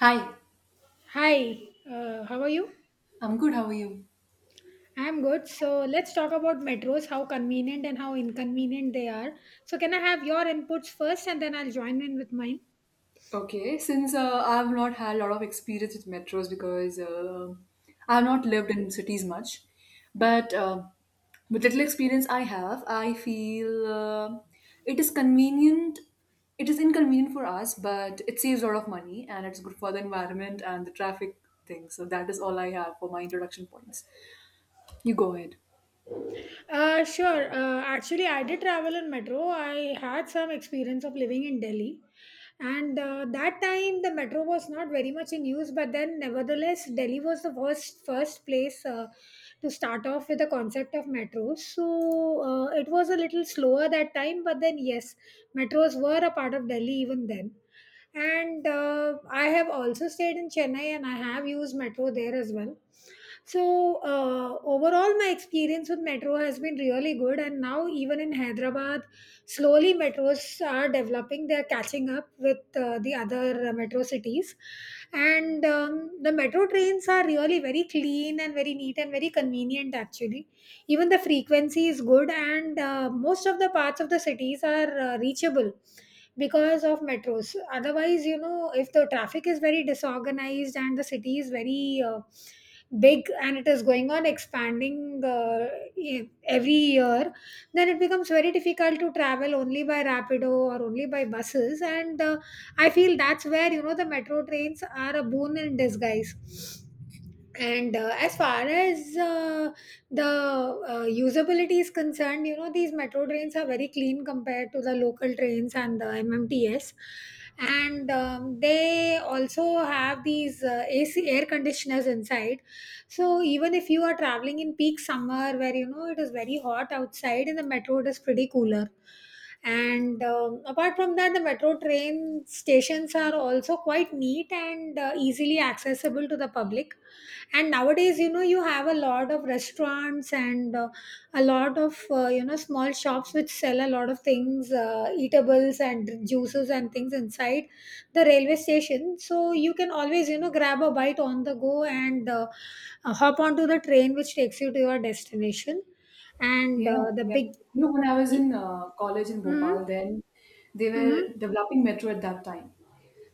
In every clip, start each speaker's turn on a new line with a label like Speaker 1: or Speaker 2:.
Speaker 1: Hi,
Speaker 2: Hi, how are you?
Speaker 1: I'm good. How are you?
Speaker 2: I'm good. So let's talk about metros, how convenient and how inconvenient they are. So, can I have your inputs first and then I'll join in with mine?
Speaker 1: Okay, since I've not had a lot of experience with metros because I've not lived in cities much, but with little experience I have, I feel it is convenient. It is inconvenient for us, but it saves a lot of money and it's good for the environment and the traffic thing. So that is all I have for my introduction points. You go ahead.
Speaker 2: Sure. Actually, I did travel in metro. I had some experience of living in Delhi. And that time, the metro was not very much in use, but then, nevertheless, Delhi was the first place to start off with the concept of metro. So it was a little slower that time, but then, yes, metros were a part of Delhi even then. And I have also stayed in Chennai and I have used metro there as well. So overall, my experience with metro has been really good, and now even in Hyderabad, slowly metros are developing. They are catching up with the other metro cities, and the metro trains are really very clean and very neat and very convenient. Actually, even the frequency is good, and most of the parts of the cities are reachable because of metros. Otherwise, you know, if the traffic is very disorganized and the city is very big and it is going on expanding every year, then it becomes very difficult to travel only by rapido or only by buses, and I feel that's where, you know, the metro trains are a boon in disguise. And as far as the usability is concerned, you know, these metro trains are very clean compared to the local trains and the mmts, and they also have these ac air conditioners inside. So even if you are traveling in peak summer, where, you know, it is very hot outside, in the metro it is pretty cooler. And apart from that, the metro train stations are also quite neat and easily accessible to the public. And nowadays, you know, you have a lot of restaurants and a lot of you know, small shops which sell a lot of things, eatables and juices and things, inside the railway station. So you can always, you know, grab a bite on the go and hop onto the train which takes you to your destination. And
Speaker 1: Yeah,
Speaker 2: the
Speaker 1: yeah.
Speaker 2: big.
Speaker 1: You know, when I was in college in Bhopal,
Speaker 2: Mm-hmm.
Speaker 1: then they were
Speaker 2: Mm-hmm.
Speaker 1: developing metro at that time.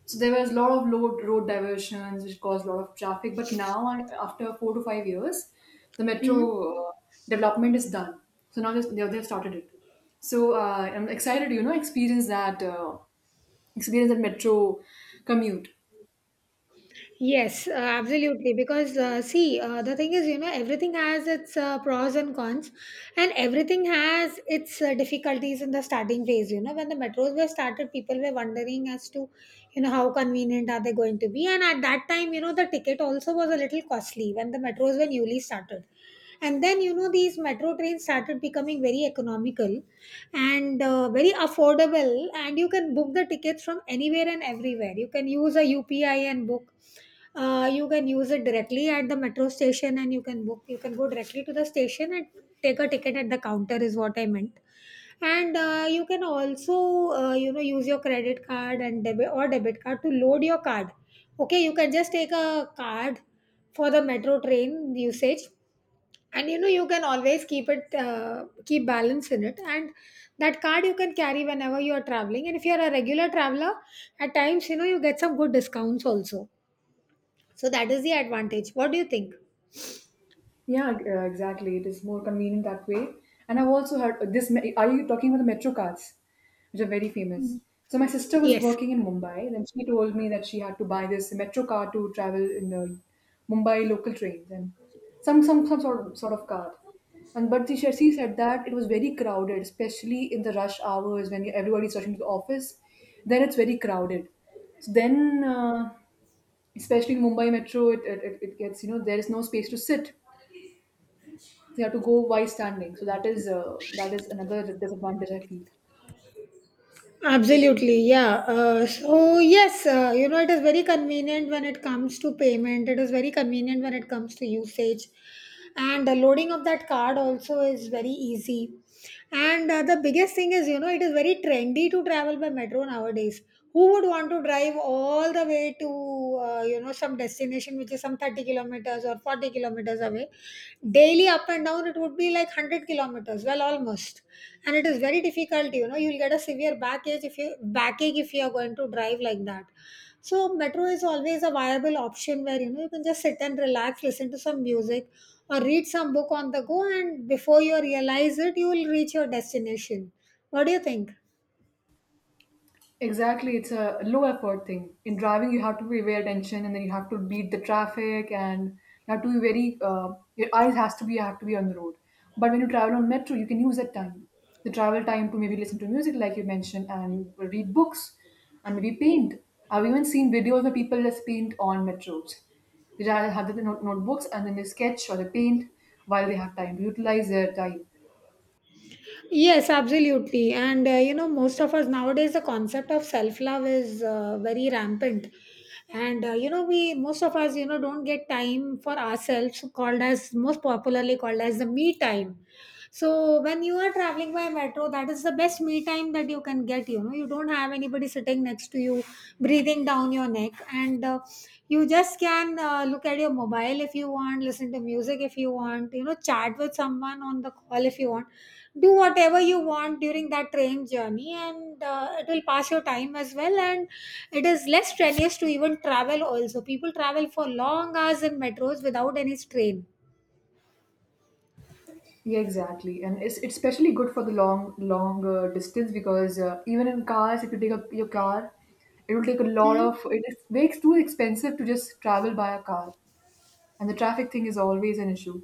Speaker 1: So there was a lot of road diversions, which caused a lot of traffic. But now, after 4 to 5 years, the
Speaker 2: Mm-hmm.
Speaker 1: metro development is done. So now they've started it. So I'm excited, you know, experience that metro commute.
Speaker 2: Yes, absolutely. Because see, the thing is, you know, everything has its pros and cons, and everything has its difficulties in the starting phase. You know, when the metros were started, people were wondering as to, you know, how convenient are they going to be. And at that time, you know, the ticket also was a little costly when the metros were newly started. And then, you know, these metro trains started becoming very economical and very affordable, and you can book the tickets from anywhere and everywhere. You can use a upi and book. You can use it directly at the metro station, and you can book. You can go directly to the station and take a ticket at the counter is what I meant. And you can also you know, use your credit card and debit card to load your card. Okay, you can just take a card for the metro train usage, and you know, you can always keep it, keep balance in it. And that card you can carry whenever you are traveling, and if you are a regular traveler, at times, you know, you get some good discounts also. So that is the advantage. What do you think?
Speaker 1: Yeah, exactly. It is more convenient that way. And I've also heard this. Are you talking about the metro cards, which are very famous?
Speaker 2: Mm.
Speaker 1: So my sister was
Speaker 2: Yes.
Speaker 1: working in Mumbai, and she told me that she had to buy this metro card to travel in the Mumbai local trains and some sort of card. And but she said that it was very crowded, especially in the rush hours when everybody's rushing to the office. Then it's very crowded. So then, especially in Mumbai metro, it gets you know there is no space to sit, they have to go while standing. So that is another disadvantage I feel.
Speaker 2: Absolutely, yeah. So yes, you know, it is very convenient when it comes to payment. It is very convenient when it comes to usage, and the loading of that card also is very easy. And the biggest thing is, you know, it is very trendy to travel by metro nowadays. Who would want to drive all the way to you know, some destination which is some 30 kilometers or 40 kilometers away daily, up and down it would be like 100 kilometers, well, almost. And it is very difficult, you know, you'll get a severe backache if you are going to drive like that. So metro is always a viable option, where, you know, you can just sit and relax, listen to some music or read some book on the go, and before you realize it, you will reach your destination. What do you think?
Speaker 1: Exactly, it's a low effort thing. In driving, you have to pay very attention, and then you have to beat the traffic, and you have to be very. Your eyes has to be have to be on the road. But when you travel on metro, you can use that time, the travel time, to maybe listen to music, like you mentioned, and read books, and maybe paint. I've even seen videos where people just paint on metros. They just have the notebooks, and then they sketch or they paint while they have time to utilize their time.
Speaker 2: Yes, absolutely. And you know, most of us nowadays, the concept of self love is very rampant. And you know, we, most of us, you know, don't get time for ourselves, called as, most popularly called as, the me time. So when you are traveling by metro, that is the best me time that you can get. You know, you don't have anybody sitting next to you breathing down your neck, and you just can look at your mobile if you want, listen to music if you want, you know, chat with someone on the call if you want, do whatever you want during that train journey, and it will pass your time as well. And it is less strenuous to even travel. Also, people travel for long hours in metros without any strain.
Speaker 1: Yeah, exactly, and it's especially good for the long long distance because even in cars, if you take up your car, it will take a lot
Speaker 2: Hmm?
Speaker 1: of. It is, makes too expensive to just travel by a car, and the traffic thing is always an issue.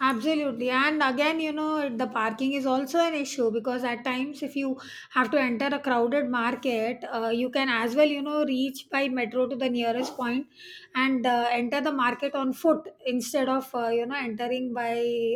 Speaker 2: Absolutely. And again, you know, it- the parking is also an issue, because at times, if you have to enter a crowded market, you can as well, you know, reach by metro to the nearest point and enter the market on foot instead of, you know, entering by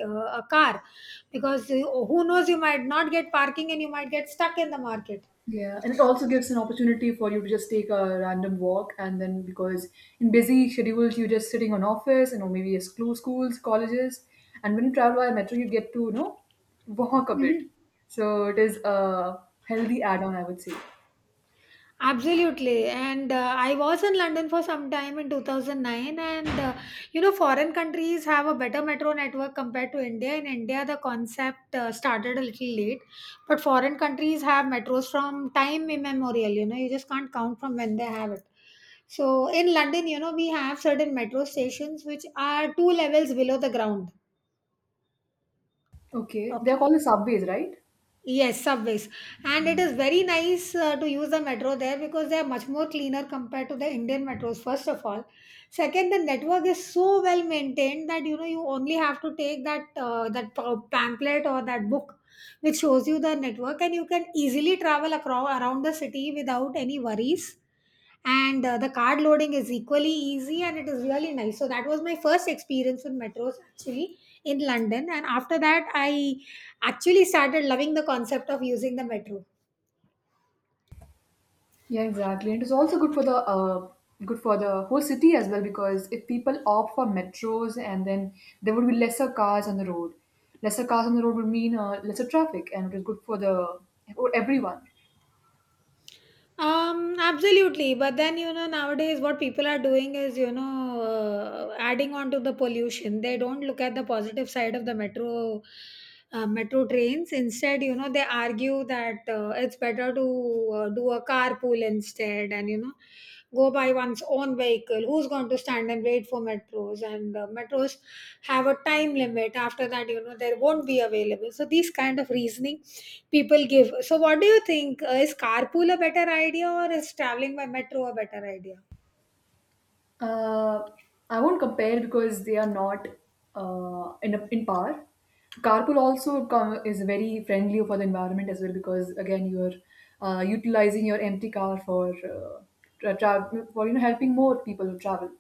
Speaker 2: a car, because who knows, you might not get parking and you might get stuck in the market.
Speaker 1: Yeah, and it also gives an opportunity for you to just take a random walk, and then because in busy schedules you're just sitting on office, and or maybe it's school, schools, colleges, and when you travel by metro, you get to you know walk a bit.
Speaker 2: Mhm.
Speaker 1: So it is a healthy add-on, I would say.
Speaker 2: Absolutely. And I was in London for some time in 2009. And you know, foreign countries have a better metro network compared to India. In India, the concept started a little late, but foreign countries have metros from time immemorial. You know, you just can't count from when they have it. So in London, you know, we have certain metro stations which are two levels below the ground.
Speaker 1: Okay, they're
Speaker 2: Okay.
Speaker 1: called the subways, right?
Speaker 2: Yes, subways. And it
Speaker 1: Mm.
Speaker 2: is very nice to use the metro there, because they are much more cleaner compared to the Indian metros, first of all. Second, the network is so well maintained that you know, you only have to take that that pamphlet or that book which shows you the network, and you can easily travel across around the city without any worries. And the card loading is equally easy, and it is really nice. So that was my first experience with metros, actually, in London. And after that, I actually started loving the concept of using the metro.
Speaker 1: Yeah, exactly. And it's also good for the whole city as well, because if people opt for metros and then there would be lesser cars on the road. Lesser cars on the road would mean lesser traffic, and it is good for the for everyone.
Speaker 2: Um, absolutely. But then, you know, nowadays what people are doing is, you know, adding on to the pollution. They don't look at the positive side of the metro, metro trains. Instead, you know, they argue that it's better to do a carpool instead, and you know, go by one's own vehicle. Who's going to stand and wait for metros? And metros have a time limit, after that, you know, there won't be available. So these kind of reasoning people give. So what do you think, is carpool a better idea or is traveling by metro a better idea?
Speaker 1: Uh, I won't compare because they are not in par. So carpool also is very friendly for the environment as well, because again you're utilizing your empty car for for you know helping more people who travel.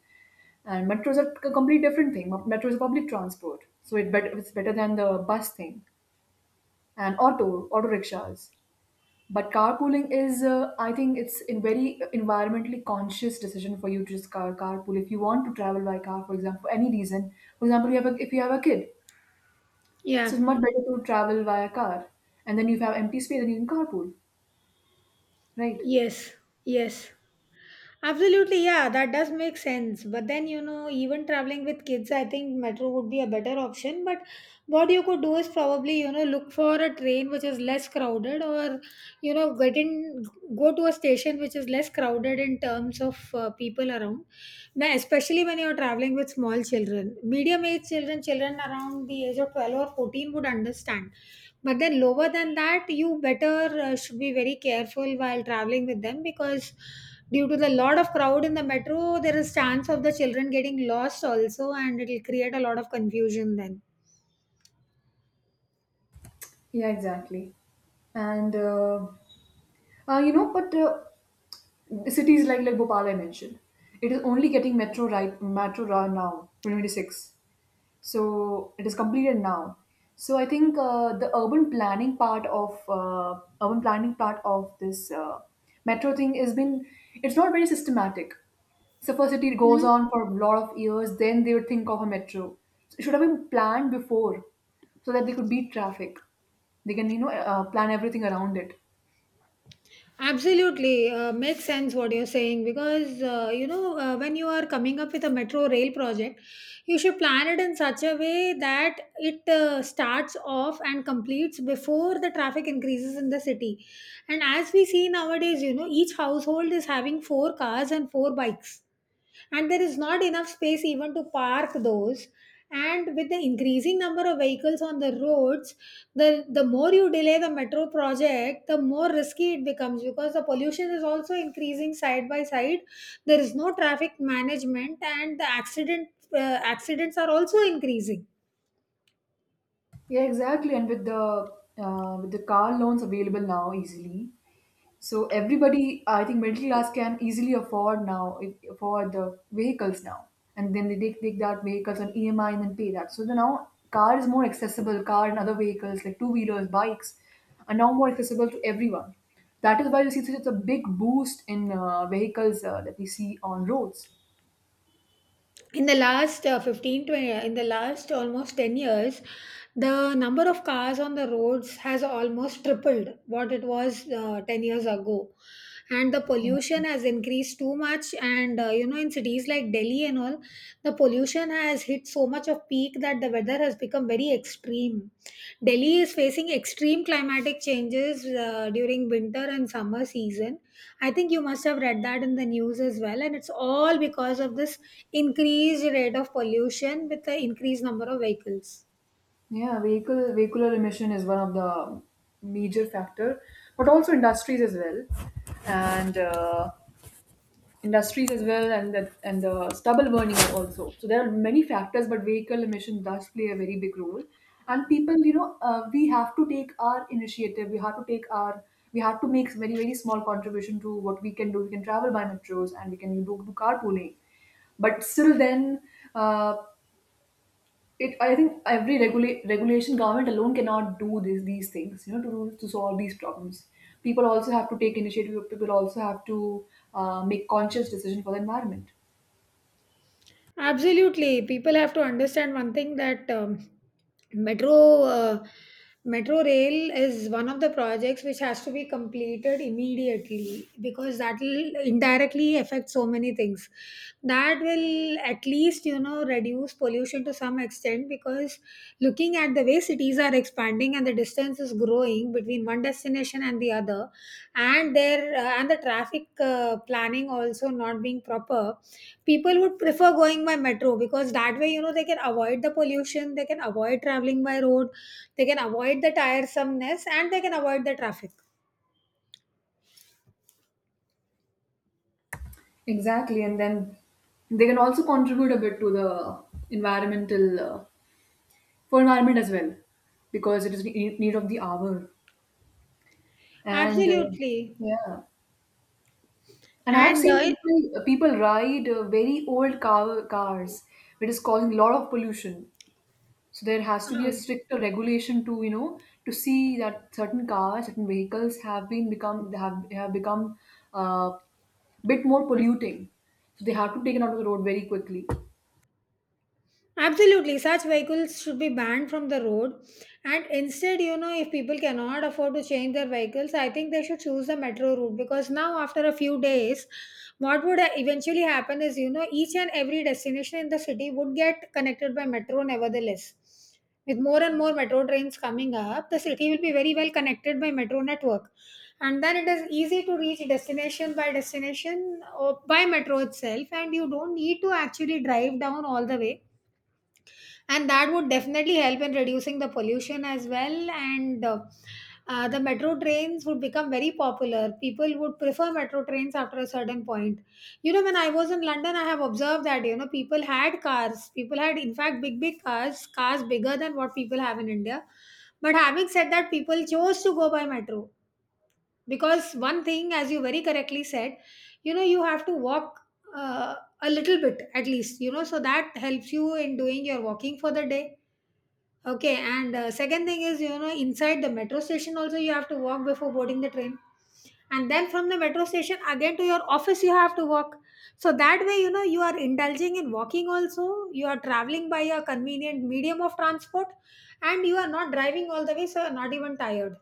Speaker 1: And metros are a completely different thing. Metro is public transport, so it it's better than the bus thing and auto rickshaws. But carpooling is, I think it's in very environmentally conscious decision for you to just carpool. If you want to travel by car, for example, for any reason, for example, if you have a kid, so
Speaker 2: Yeah,
Speaker 1: it's much better to travel via car. And then if you have empty space, then you can carpool, right?
Speaker 2: yes, yes. Absolutely, yeah, that does make sense. But then, you know, even traveling with kids, I think metro would be a better option. But what you could do is probably, you know, look for a train which is less crowded, or, you know, get in, go to a station which is less crowded in terms of people around. Now, especially when you're traveling with small children, medium age children, children around the age of 12 or 14 would understand. But then, lower than that, you better should be very careful while traveling with them, because due to the lot of crowd in the metro, there is chance of the children getting lost also, and it'll create a lot of confusion then.
Speaker 1: Yeah, exactly. And you know, but cities like Bhopal I mentioned, it is only getting metro right now, 2026. So it is completed now. So I think the urban planning part of urban planning part of this metro thing has been, it's not very systematic. So first it goes
Speaker 2: Mhm.
Speaker 1: on for a lot of years, then they would think of a metro. So it should have been planned before, so that they could beat traffic. They can you know plan everything around it.
Speaker 2: Absolutely, makes sense what you're saying, because you know, when you are coming up with a metro rail project, you should plan it in such a way that it starts off and completes before the traffic increases in the city. And as we see nowadays, you know, each household is having four cars and four bikes. And there is not enough space even to park those, and with the increasing number of vehicles on the roads, the more you delay the metro project, the more risky it becomes because the pollution is also increasing side by side. There is no traffic management and the accident accidents are also increasing
Speaker 1: Yeah, exactly. And with the car loans available now easily, so everybody, I think middle class can easily afford the vehicles now, and then they take that vehicles on EMI and then pay that. So the now car is more accessible. Car and other vehicles like two wheelers, bikes, are now more accessible to everyone. That is why you see such a big boost in vehicles that we see on roads.
Speaker 2: in the last 15 to in the last almost 10 years. The number of cars on the roads has almost tripled what it was 10 years ago, and the pollution has increased too much. And you know, in cities like Delhi and all, the pollution has hit so much of peak that the weather has become very extreme. Delhi is facing extreme climatic changes during winter and summer season. I think you must have read that in the news as well, and it's all because of this increased rate of pollution with the increased number of vehicles.
Speaker 1: Yeah, vehicle vehicular emission is one of the major factor, but also industries as well, and the stubble burning also. So there are many factors, but vehicle emission does play a very big role. And people, you know, we have to take our initiative. We have to take our, we have to make very very small contribution to what we can do. We can travel by metros, and we can do carpooling, but still then, uh, it I think every regulation government alone cannot do this, these things you know to solve these problems. People also have to take initiative. People also have to make conscious decision for the environment.
Speaker 2: Absolutely. People have to understand one thing, that metro uh, metro rail is one of the projects which has to be completed immediately, because that will indirectly affect so many things. That will at least, you know, reduce pollution to some extent, because looking at the way cities are expanding and the distance is growing between one destination and the other, and the traffic planning also not being proper, people would prefer going by metro, because that way, you know, they can avoid the pollution, they can avoid traveling by road, they can avoid the tiresomeness and they can avoid the traffic.
Speaker 1: Exactly, and then they can also contribute a bit to the environmental for environment as well, because it is the need of the hour. And
Speaker 2: Absolutely.
Speaker 1: yeah. And I have
Speaker 2: And
Speaker 1: seen people ride uh, very old cars which is causing a lot of pollution. So there has to be a
Speaker 2: uh,
Speaker 1: stricter regulation to you know to see that certain cars, certain vehicles have become uh, bit more polluting. So they have to take it out of the road very quickly.
Speaker 2: Absolutely, such vehicles should be banned from the road. And instead, you know, if people cannot afford to change their vehicles, I think they should choose the metro route, because now, after a few days, what would eventually happen is, you know, each and every destination in the city would get connected by metro, nevertheless. With more and more metro trains coming up, the city will be very well connected by metro network. And then it is easy to reach destination by destination or by metro itself, and you don't need to actually drive down all the way, and that would definitely help in reducing the pollution as well. And the metro trains would become very popular. People would prefer metro trains after a certain point. You know, when I was in London, I have observed that, you know, people had cars, people had in fact big cars, cars bigger than what people have in India. But having said that, people chose to go by metro, because one thing, as you very correctly said, you know, you have to walk uh, a little bit at least, you know, so that helps you in doing your walking for the day. Okay, and second thing is, you know, inside the metro station also you have to walk before boarding the train. And then from the metro station again to your office you have to walk. So that way, you know, you are indulging in walking also. You are traveling by a convenient medium of transport, and you are not driving all the way, so you're not even tired.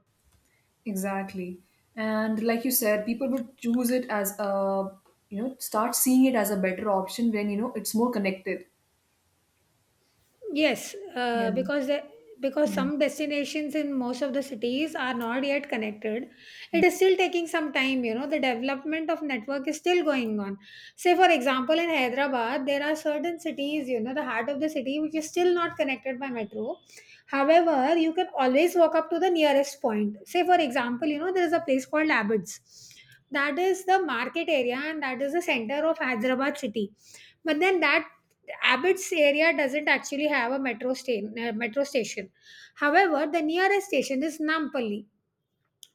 Speaker 1: Exactly. And like you said, people would choose it as a, you know, start seeing it as a better option when, you know, it's more connected.
Speaker 2: Yes,
Speaker 1: Yeah,
Speaker 2: because
Speaker 1: yeah,
Speaker 2: some destinations in most of the cities are not yet connected. It is still taking some time, you know, the development of network is still going on. Say for example in Hyderabad, there are certain cities, you know, the heart of the city which is still not connected by metro. However, you can always walk up to the nearest point. Say for example, you know, there is a place called Abbots. That is the market area and that is the center of Hyderabad city. But then that Abbott's area doesn't actually have a metro station. However, the nearest station is Nampally.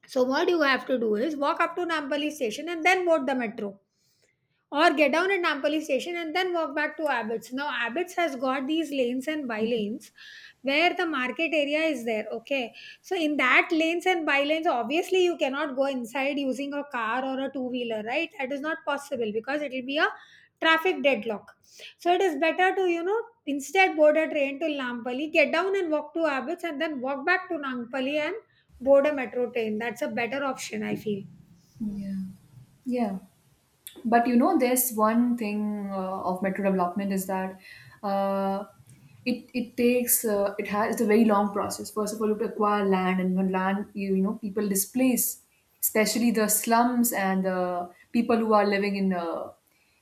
Speaker 2: So, what you have to do is walk up to Nampally station and then board the metro, or get down at Nampally station and then walk back to Abbots. Now, Abbots has got these lanes and by lanes where the market area is there. Okay, so in that lanes and by lanes, obviously, you cannot go inside using a car or a two wheeler, right? That is not possible because it will be a traffic deadlock. So, it is better to, you know, instead board a train to Nampally, get down and walk to Abbots, and then walk back to Nampally and board a metro train. That's a better option, I feel.
Speaker 1: yeah. Yeah. But you know, there's one thing of metro development is that uh, it takes it has it's a very long process. First of all, you have to acquire land, and when land you you know people displace, especially the slums and the people who are living in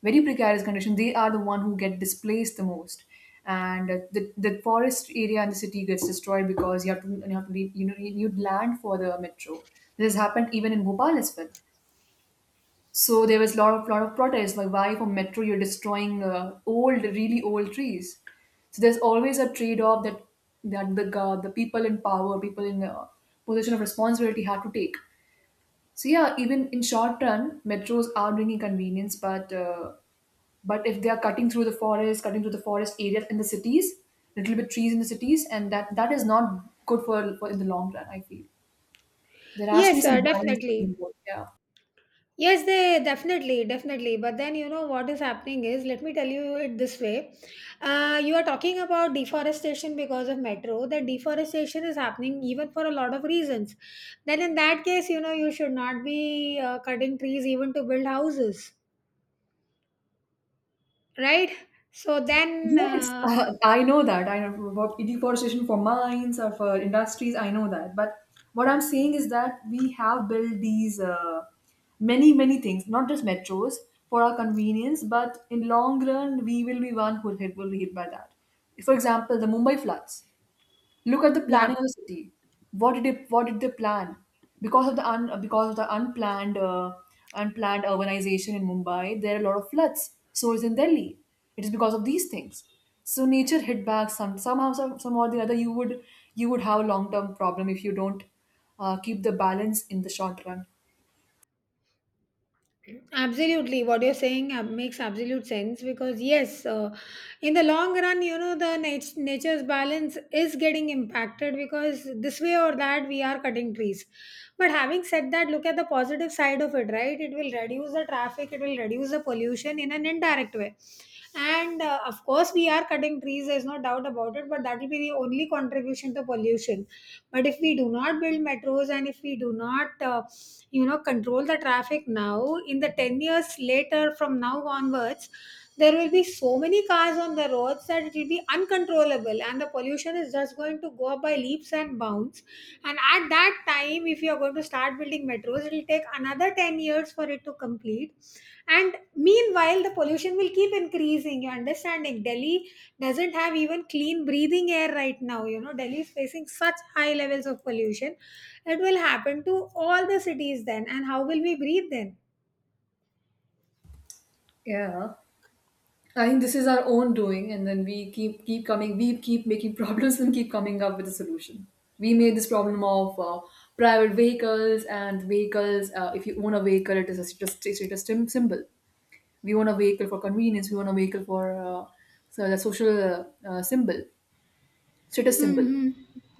Speaker 1: very precarious condition. They are the one who get displaced the most, and the forest area in the city gets destroyed because you have to leave, you know you need land for the metro. This has happened even in Bhopal as well. So there was a lot of protest like why for metro you're destroying old really old trees. So there's always a trade off that the people in power, people in position of responsibility had to take. So yeah, even in short run, metros are bringing convenience, but if they are cutting through the forest, cutting through the forest areas in the cities, little bit trees in the cities, and that that is not good for in the long run. I feel there has to be
Speaker 2: Yes,
Speaker 1: some
Speaker 2: sir,
Speaker 1: balance
Speaker 2: definitely.
Speaker 1: between both. Yeah.
Speaker 2: Yes, they definitely, definitely. But then, you know, what is happening is, let me tell you it this way. You are talking about deforestation because of metro. That deforestation is happening even for a lot of reasons. Then in that case, you know, you should not be cutting trees even to build houses, right? So then,
Speaker 1: Yes,
Speaker 2: uh,
Speaker 1: I know that. I know about deforestation for mines or for industries. I know that. But what I'm saying is that we have built these many, many things, not just metros for our convenience, but in long run, we will be one who will be hit by that. For example, the Mumbai floods. Look at the
Speaker 2: Yeah.
Speaker 1: planning of the city. What did they plan? Because of the unplanned unplanned urbanization in Mumbai, there are a lot of floods. So is in Delhi. It is because of these things. So nature hit back somehow or the other. You would have a long term problem if you don't keep the balance in the short run.
Speaker 2: Absolutely, what you're makes absolute sense, because yes, in the long run, you know, the nature's balance is getting impacted, because this way or that we are cutting trees. But having said that, look at the positive side of it, right? It will reduce the traffic, it will reduce the pollution in an indirect way. And of course, we are cutting trees. There's no doubt about it. But that will be the only contribution to pollution. But if we do not build metros and if we do not you know, control the traffic now, in the 10 years later from now onwards, there will be so many cars on the roads that it will be uncontrollable, and the pollution is just going to go up by leaps and bounds. And at that time, if you are going to start building metros, it will take another 10 years for it to complete, and meanwhile the pollution will keep increasing. You understanding, Delhi doesn't have even clean breathing air right now. You know, Delhi is facing such high levels of pollution. It will happen to all the cities then, and how will we breathe then?
Speaker 1: Yeah. I think this is our own doing, and then we keep coming, we keep making problems and keep coming up with a solution. We made this problem of private vehicles and vehicles. If you own a vehicle, it is a status symbol. We own a vehicle for convenience. We own a vehicle for so the social symbol. So it is simple.
Speaker 2: Hmm.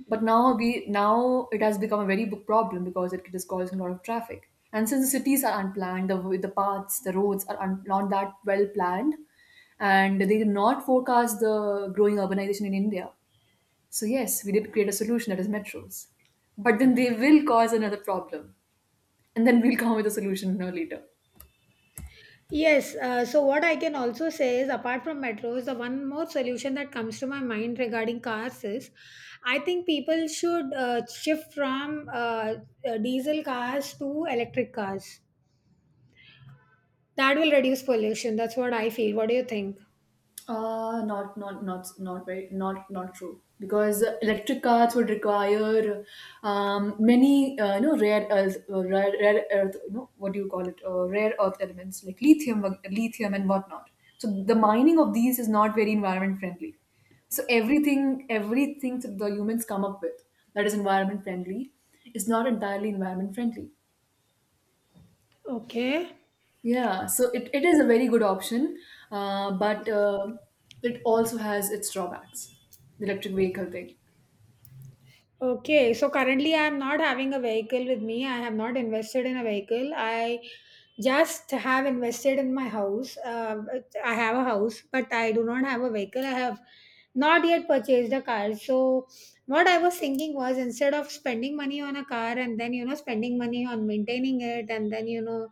Speaker 1: But now we now it has become a very big problem because it is causing a lot of traffic. And since the cities are unplanned, the paths, the roads are not that well planned, and they did not forecast the growing urbanization in India. So yes, we did create a solution that is metros, but then they will cause another problem, and then we'll come with a solution no later.
Speaker 2: Yes, so what I can also say is, apart from metros, the one more solution that comes to my mind regarding cars is, I think people should shift from diesel cars to electric cars. That will reduce pollution. That's what I feel. What do you think?
Speaker 1: Not not not not very not not true, because electric cars would require many rare earth rare earth, you know what do you call it rare earth elements like lithium, lithium and whatnot. So the mining of these is not very environment friendly. So everything that the humans come up with that is environment friendly is not entirely environment friendly.
Speaker 2: Okay.
Speaker 1: Yeah, so it is a very good option, but it also has its drawbacks, the electric vehicle thing.
Speaker 2: Okay, so currently I am not having a vehicle with me. I have not invested in a vehicle. I just have invested in my house. I have a house, but I do not have a vehicle. I have not yet purchased a car. So, what I was thinking was, instead of spending money on a car and then, you know, spending money on maintaining it and then, you know,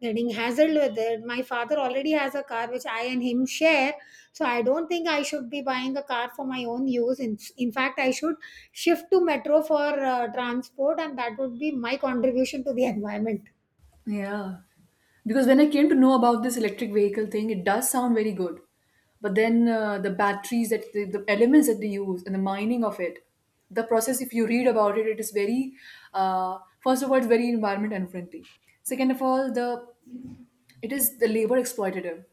Speaker 2: getting hassled with it, my father already has a car which I and him share. So, I don't think I should be buying a car for my own use. In fact, I should shift to metro for transport, and that would be my contribution to the environment.
Speaker 1: Yeah, because when I came to know about this electric vehicle thing, it does sound very good, but then the batteries that the elements that they use and the mining of it, the process. If you read about it, it is very, first of all, it's very environment unfriendly. Second of all, the it is the labor exploitative.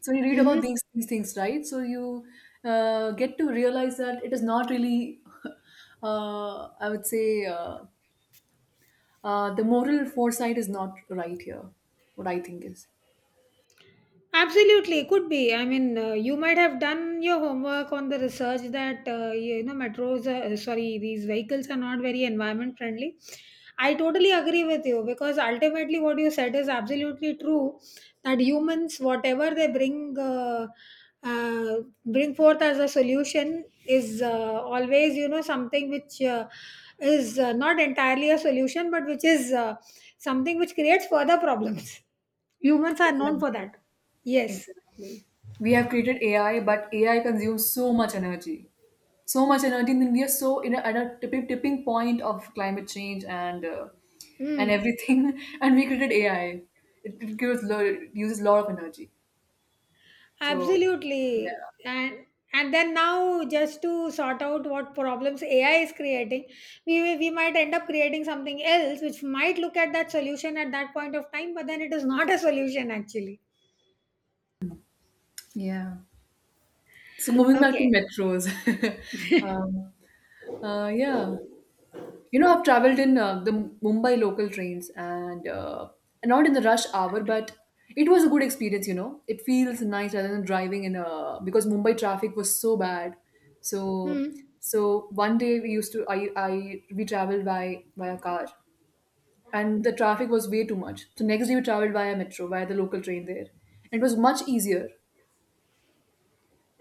Speaker 1: So you read about
Speaker 2: Hmm.
Speaker 1: these things, right? So you get to realize that it is not really I would say uh, the moral foresight is not right here. What I think is
Speaker 2: Absolutely, could be. I mean, you might have done your homework on the research that, you know, sorry, these vehicles are not very environment friendly. I totally agree with you, because ultimately what you said is absolutely true, that humans, whatever they uh, bring forth as a solution is always, you know, something which is not entirely a solution, but which is something which creates further problems. Humans are known for
Speaker 1: exactly,
Speaker 2: that. Yes.
Speaker 1: exactly, we have created AI, but AI consumes so much energy, so much energy. And then we are so in a, at a tipping point of climate change and
Speaker 2: Mm.
Speaker 1: everything, and we created AI. It uses a lot of energy. So
Speaker 2: Absolutely.
Speaker 1: yeah.
Speaker 2: And and then now, just to sort out what problems AI is creating, we might end up creating something else which might look at that solution at that point of time, but then it is not a solution actually.
Speaker 1: Yeah. So moving back to
Speaker 2: Okay.
Speaker 1: metros, um, yeah, you know, I've traveled in the Mumbai local trains, and not in the rush hour, but it was a good experience. You know, it feels nice rather than driving in a, because Mumbai traffic was so bad. So
Speaker 2: Hmm.
Speaker 1: so one day we used to I we traveled by a car, and the traffic was way too much. So next day we traveled via metro, via the local train there, and it was much easier.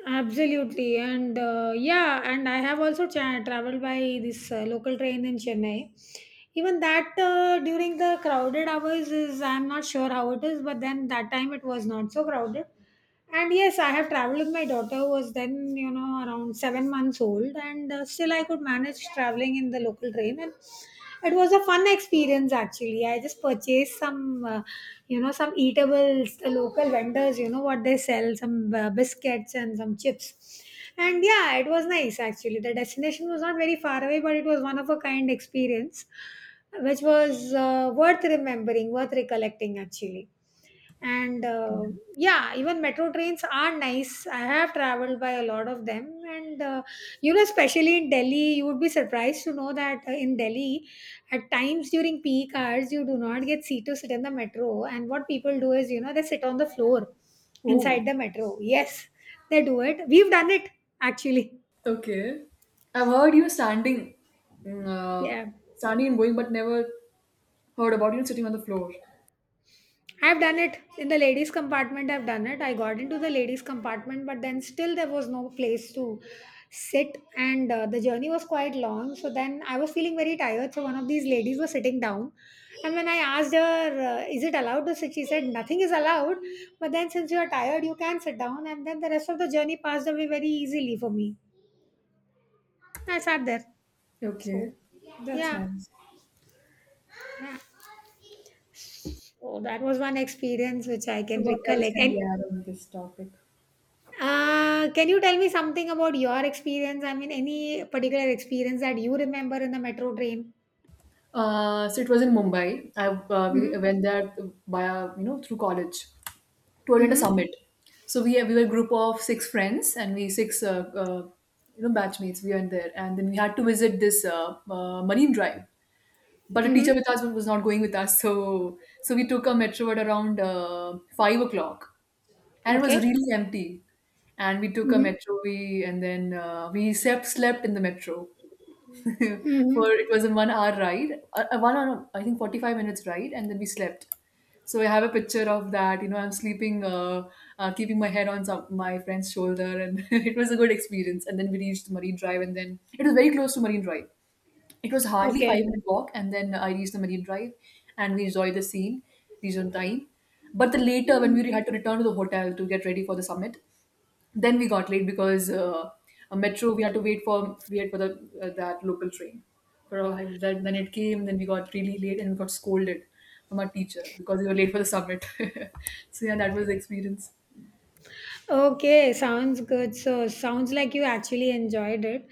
Speaker 2: Absolutely. And yeah, and I have also traveled by this local train in Chennai. Even that during the crowded hours, is, I'm not sure how it is, but then that time it was not so crowded. And yes, I have traveled with my daughter who was then, you know, around 7 months old, and still I could manage traveling in the local train. And it was a fun experience actually. I just purchased some, you know, some eatables, the local vendors, you know, what they sell, some biscuits and some chips. And yeah, it was nice actually. The destination was not very far away, but it was one of a kind experience, which was worth remembering, worth recollecting actually. And Yeah, even metro trains are nice. I have traveled by a lot of them, and you know, especially in Delhi, you would be surprised to know that, in Delhi, at times during peak hours, you do not get seat to sit in the metro, and what people do is, you know, they sit on the floor
Speaker 1: Oh.
Speaker 2: inside the metro. Yes, they do it. We've done it, actually.
Speaker 1: Okay. I've heard you standing, mm, uh,
Speaker 2: Yeah,
Speaker 1: standing and going, but never heard about you sitting on the floor.
Speaker 2: I've done it in the ladies' compartment. I've done it. I got into the ladies' compartment, but then still there was no place to sit, and the journey was quite long. So then I was feeling very tired. So one of these ladies was sitting down, and when I asked her, "Is it allowed to sit?" She said, "Nothing is allowed." But then since you are tired, you can sit down, and then the rest of the journey passed away very easily for me. I sat there.
Speaker 1: Okay,
Speaker 2: So
Speaker 1: that's
Speaker 2: yeah,
Speaker 1: nice.
Speaker 2: yeah. So that was one experience which I
Speaker 1: So
Speaker 2: can
Speaker 1: what else
Speaker 2: recollect,
Speaker 1: can
Speaker 2: and
Speaker 1: we add on this topic?
Speaker 2: Can you tell me something about your experience? I mean, any particular experience that you remember in the metro train?
Speaker 1: So it was in Mumbai. I
Speaker 2: Mm-hmm.
Speaker 1: We went there via, you know, through college to attend a
Speaker 2: Mm-hmm.
Speaker 1: summit. So we were a group of six friends, and we six you know, batchmates. We went there, and then we had to visit this Marine Drive. But a teacher
Speaker 2: Mm-hmm.
Speaker 1: with us was not going with us, so we took a metro at around 5 o'clock, and it was
Speaker 2: Okay.
Speaker 1: really empty. And we took a
Speaker 2: Mm-hmm.
Speaker 1: metro, we and then we slept slept in the metro for,
Speaker 2: Mm-hmm.
Speaker 1: it was a 1 hour ride, a 1 hour, I think 45 minutes ride, and then we slept. So I have a picture of that, you know, I'm sleeping, keeping my head on my friend's shoulder, and it was a good experience. And then we reached Marine Drive, and then it was very close to Marine Drive. It was hardly five
Speaker 2: Okay.
Speaker 1: minute walk, and then I reached the Marine Drive, and we enjoyed the scene, reached on time. But the later, when
Speaker 2: Mhm.
Speaker 1: we had to return to the hotel to get ready for the summit, then we got late because a metro, we had to wait for the that local train for a while. Then it came. Then we got really late and got scolded from our teacher because we were late for the summit. So yeah, that was the experience.
Speaker 2: Okay. Sounds good. So, sounds like you actually enjoyed it.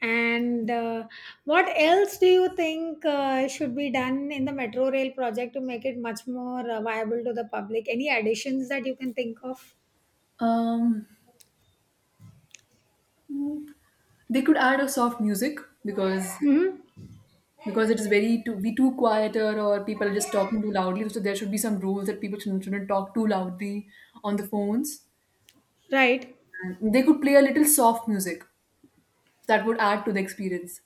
Speaker 2: And what else do you think should be done in the metro rail project to make it much more viable to the public? Any additions that you can think of?
Speaker 1: Um, they could add a soft music, because
Speaker 2: Mm-hmm.
Speaker 1: it is very, too be too quieter, or people are just talking too loudly. So there should be some rules that people shouldn't talk too loudly on the phones.
Speaker 2: Right.
Speaker 1: And they could play a little soft music that would add to the experience.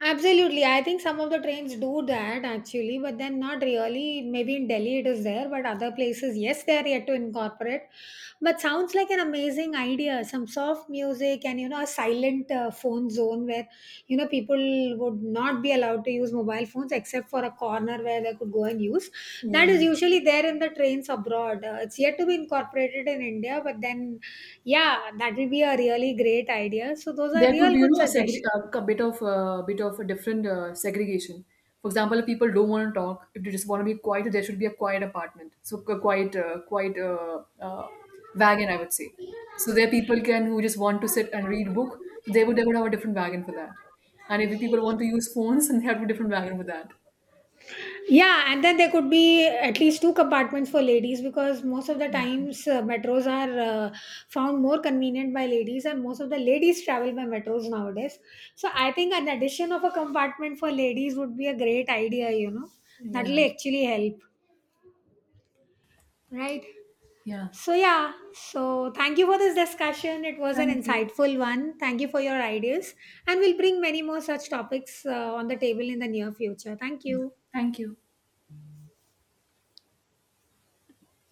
Speaker 2: Absolutely. I think some of the trains do that actually, but then not really. Maybe in Delhi it is there, but other places, yes, they are yet to incorporate. But sounds like an amazing idea. Some soft music and, you know, a silent phone zone where, you know, people would not be allowed to use mobile phones except for a corner where they could go and use. That
Speaker 1: Yeah.
Speaker 2: is usually there in the trains abroad. It's yet to be incorporated in India, but then, yeah, that will be a really great idea. So, those are
Speaker 1: There could be,
Speaker 2: real
Speaker 1: you
Speaker 2: good
Speaker 1: know,
Speaker 2: suggestions.
Speaker 1: a bit of a different segregation. For example, if people don't want to talk, if they just want to be quiet, there should be a quiet apartment, so a quiet uh, wagon, I would say. So there are people can, who just want to sit and read book, so they would have a different wagon for that. And if people want to use phones, then they have a different wagon for that.
Speaker 2: Yeah, and then there could be at least two compartments for ladies, because most of the
Speaker 1: Yeah.
Speaker 2: times metros are found more convenient by ladies, and most of the ladies travel by metros nowadays. So I think an addition of a compartment for ladies would be a great idea, you know. That
Speaker 1: Yeah.
Speaker 2: will actually help, right?
Speaker 1: Yeah.
Speaker 2: So, yeah, so thank you for this discussion. It was an
Speaker 1: Thank you.
Speaker 2: insightful one. Thank you for your ideas, and we'll bring many more such topics on the table in the near future. Thank you.
Speaker 1: Thank you.